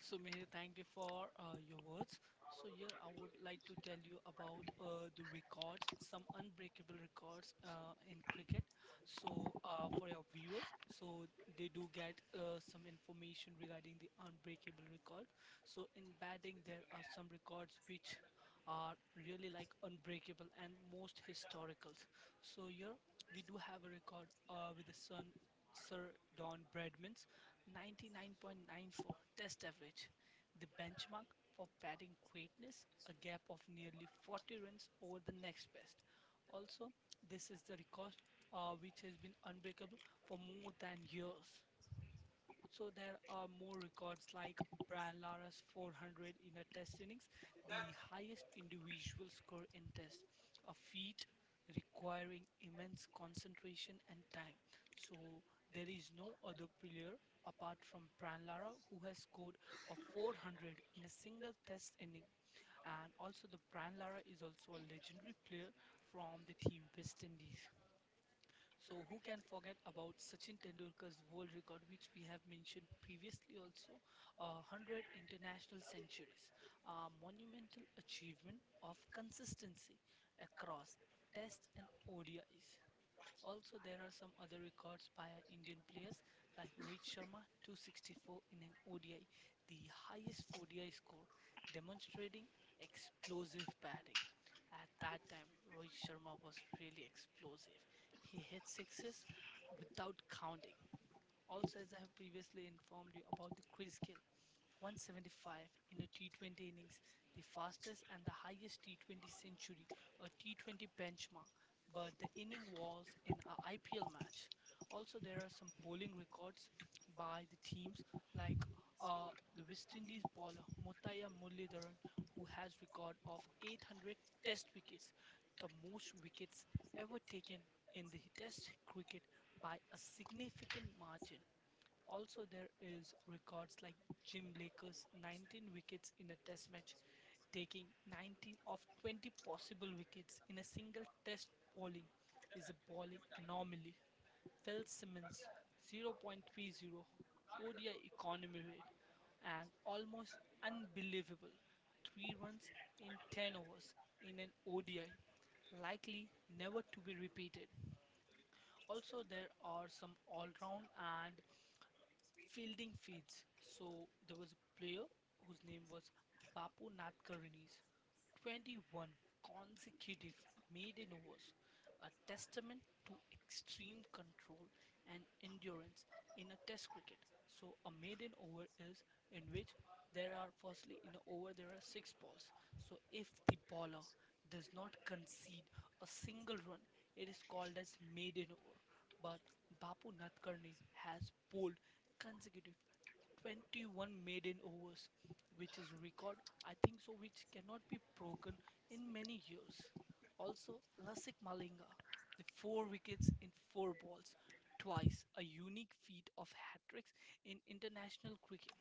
[SPEAKER 1] So, Mihir, thank you for uh, your words. So, here I would like to tell you about uh, the records, some unbreakable records uh, in cricket. So, uh, for your viewers, so they do get uh, some information regarding the unbreakable record. So, in batting, there are some records which are really like unbreakable and most historicals. So, here we do have a record uh, with the son. Sir Don Bradman's ninety-nine point nine four test average, the benchmark for batting greatness, a gap of nearly forty runs over the next best. Also, this is the record uh, which has been unbreakable for more than years. So there are more records like Brian Lara's four hundred in a test innings, the highest individual score in test, a feat requiring immense concentration and time. So there is no other player apart from Brian Lara who has scored a four hundred in a single test inning. And also the Brian Lara is also a legendary player from the team West Indies. So who can forget about Sachin Tendulkar's world record, which we have mentioned previously also, uh, one hundred international centuries, a monumental achievement of consistency across Test and O D Is. Also, there are some other records by our Indian players like Rohit Sharma two hundred sixty-four in an O D I, the highest O D I score, demonstrating explosive batting. At that time, Rohit Sharma was really explosive. He hit sixes without counting. Also, as I have previously informed you about the crease kill, one hundred seventy-five in a T twenty innings, the fastest and the highest T twenty century, a T twenty benchmark. But the inning was in a I P L match. Also, there are some bowling records by the teams like uh, the West Indies bowler Muttiah Muralidharan, who has record of eight hundred Test wickets, the most wickets ever taken in the Test cricket by a significant margin. Also, there is records like Jim Laker's nineteen wickets in a test match, taking nineteen of twenty possible wickets in a single test bowling is a bowling anomaly. Phil Simmons zero point three zero O D I economy rate and almost unbelievable three runs in ten overs in an O D I, likely never to be repeated. Also, there are some all round and fielding feeds. So there was a player whose name was Bapu Nath Karnis. twenty-one consecutive maiden overs, a testament to extreme control and endurance in a test cricket. So a maiden over is in which there are, firstly, in an over there are six balls. So if the bowler does not concede a single run, it is called as maiden over. But Bapu Nadkarni has bowled consecutive twenty-one maiden overs, which is record, I think so, which cannot be broken in many years. Also, Lasik Malinga, the four wickets in four balls, twice a unique feat of hat tricks in international cricket.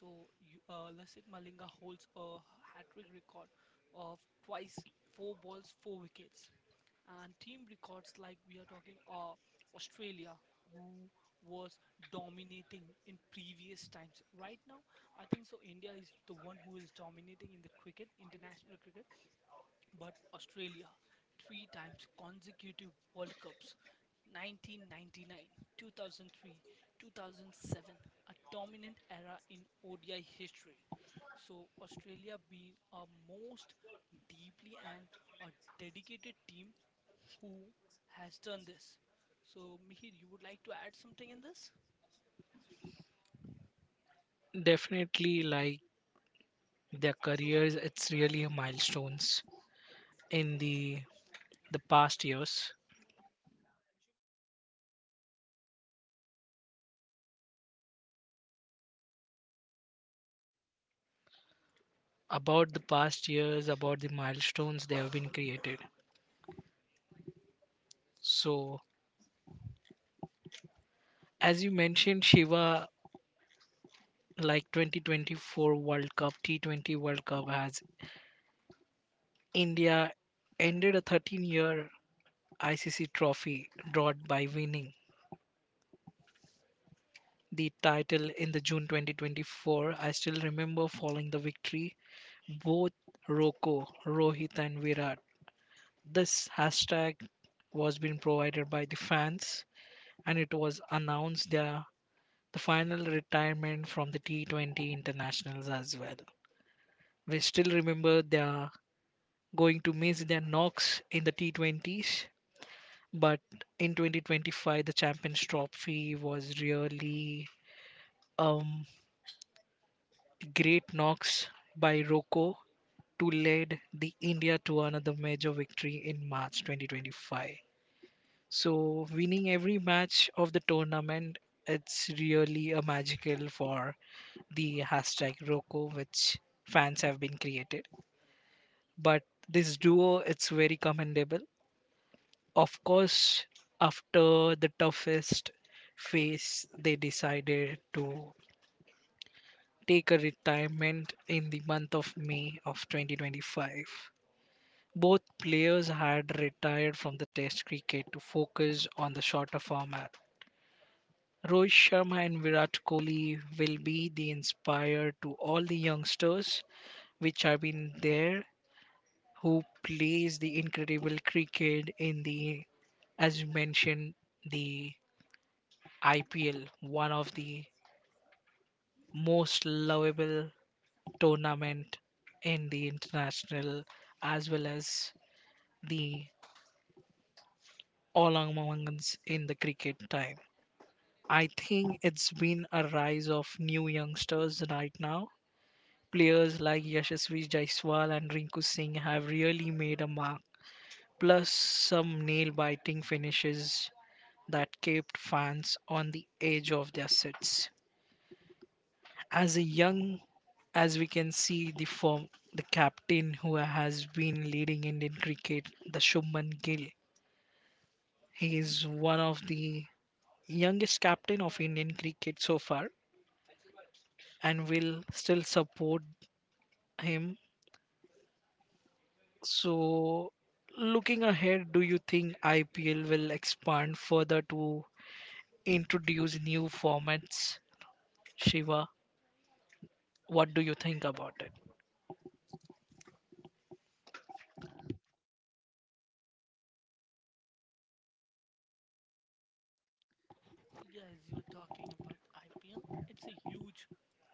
[SPEAKER 1] So, you- uh, Lasik Malinga holds a hat trick record of twice four balls, four wickets, and team records. Like we are talking uh, Australia, who was dominating in previous times. Right now, I think so India is the one who is dominating in the cricket, international cricket. But Australia, three times consecutive World Cups, nineteen ninety-nine, two thousand three, two thousand seven, a dominant era in O D I history. So, Australia being a most deeply and a dedicated team who has done this. So, Mihir, you would like to add something in this?
[SPEAKER 2] Definitely like their careers, it's really a milestones in the the past years. About the past years, about the milestones they have been created. So as you mentioned, Shiva, like twenty twenty-four World Cup, T twenty World Cup has India ended a thirteen-year I C C trophy drought by winning the title in the June twenty twenty-four. I still remember following the victory, both Roko, Rohit, and Virat. This hashtag was being provided by the fans, and it was announced their the final retirement from the T twenty internationals as well. We still remember they're going to miss their knocks in the T twenties, but in twenty twenty-five, the Champions Trophy was really um, great knocks by Rocco to lead the India to another major victory in March twenty twenty-five. So winning every match of the tournament, it's really a magical for the hashtag Rocco, which fans have been created. But this duo, it's very commendable. Of course, after the toughest phase, they decided to take a retirement in the month of May of twenty twenty-five. Both players had retired from the Test cricket to focus on the shorter format. Rohit Sharma and Virat Kohli will be the inspire to all the youngsters which have been there who plays the incredible cricket in the as you mentioned the I P L, one of the most lovable tournament in the international as well as the all amongst in the cricket time. I think it's been a rise of new youngsters right now. Players like Yashasvi Jaiswal and Rinku Singh have really made a mark. Plus some nail-biting finishes that kept fans on the edge of their seats. As a young as we can see the form the captain who has been leading Indian cricket, the Shubman Gill. He is one of the youngest captain of Indian cricket so far and will still support him. So looking ahead, do you think I P L will expand further to introduce new formats? Shiva, what do you think about it?
[SPEAKER 1] Yeah, as you were talking about I P L, it's a huge,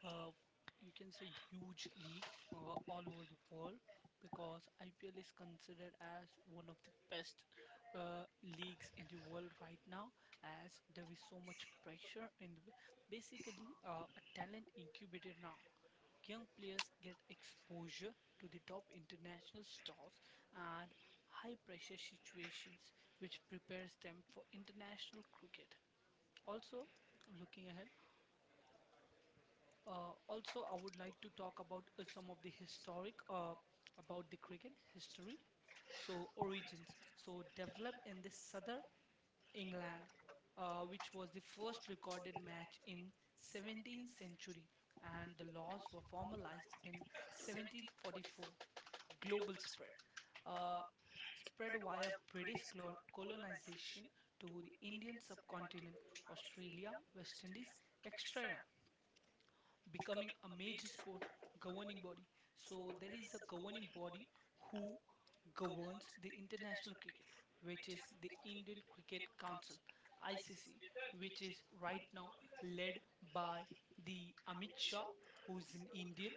[SPEAKER 1] uh, you can say huge league uh, all over the world, because I P L is considered as one of the best uh, leagues in the world right now, as there is so much pressure, and basically uh, a talent incubator now. Young players get exposure to the top international stars and high pressure situations, which prepares them for international cricket. Also, looking ahead, uh, also I would like to talk about uh, some of the historic, uh, about the cricket history. So, origins. So developed in the southern England, uh, which was the first recorded match in seventeenth century, and the laws were formalized in seventeen forty-four. Global spread. Uh, spread via British clo- colonization to the Indian subcontinent, Australia, West Indies, et cetera, becoming a major sport. Governing body. So there is a governing body who governs the international cricket, which is the Indian Cricket Council (I C C), which is right now led by the Amit Shah, who is an Indian.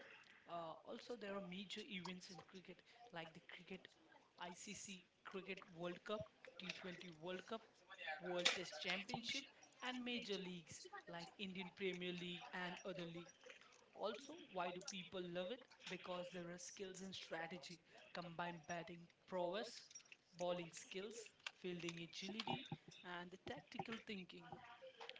[SPEAKER 1] Uh, also, there are major events in cricket like the cricket I C C Cricket World Cup, T twenty World Cup, World Test Championship, and major leagues like Indian Premier League and other leagues. Also, why do people love it? Because there are skills and strategy, combined batting prowess, bowling skills, fielding agility, and the tactical thinking.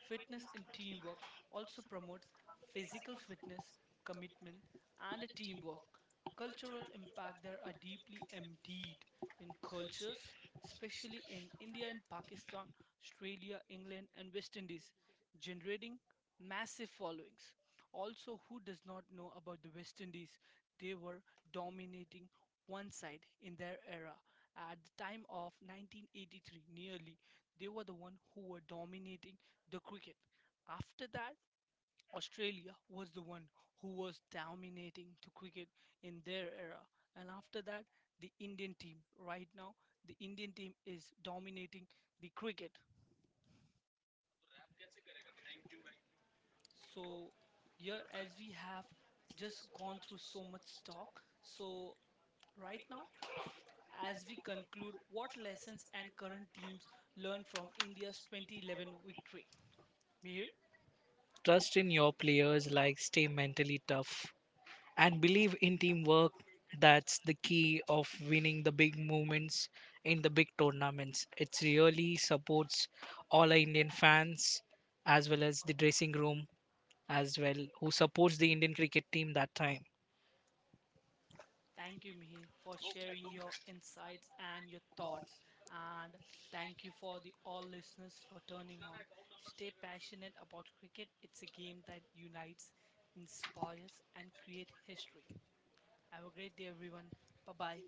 [SPEAKER 1] Fitness and teamwork also promotes physical fitness, commitment, and teamwork. Cultural impact, there are deeply embedded in cultures, especially in India and Pakistan, Australia, England, and West Indies, generating massive followings. Also, who does not know about the West Indies? They were dominating one side in their era. At the time of nineteen eighty-three, nearly, they were the one who were dominating the cricket. After that, Australia was the one who was dominating the cricket in their era. And after that, the Indian team. Right now, the Indian team is dominating the cricket. So, here, as we have just gone through so much talk, so right now, as we conclude, what lessons and current teams learn from India's twenty eleven victory? Mihir?
[SPEAKER 2] Trust in your players like stay mentally tough and believe in teamwork. That's the key of winning the big movements in the big tournaments. It really supports all our Indian fans as well as the dressing room as well who supports the Indian cricket team that time.
[SPEAKER 1] Thank you, Mihir, for sharing your insights and your thoughts. And thank you for the all listeners for turning on. Stay passionate about cricket. It's a game that unites, inspires, and creates history. Have a great day, everyone. Bye bye.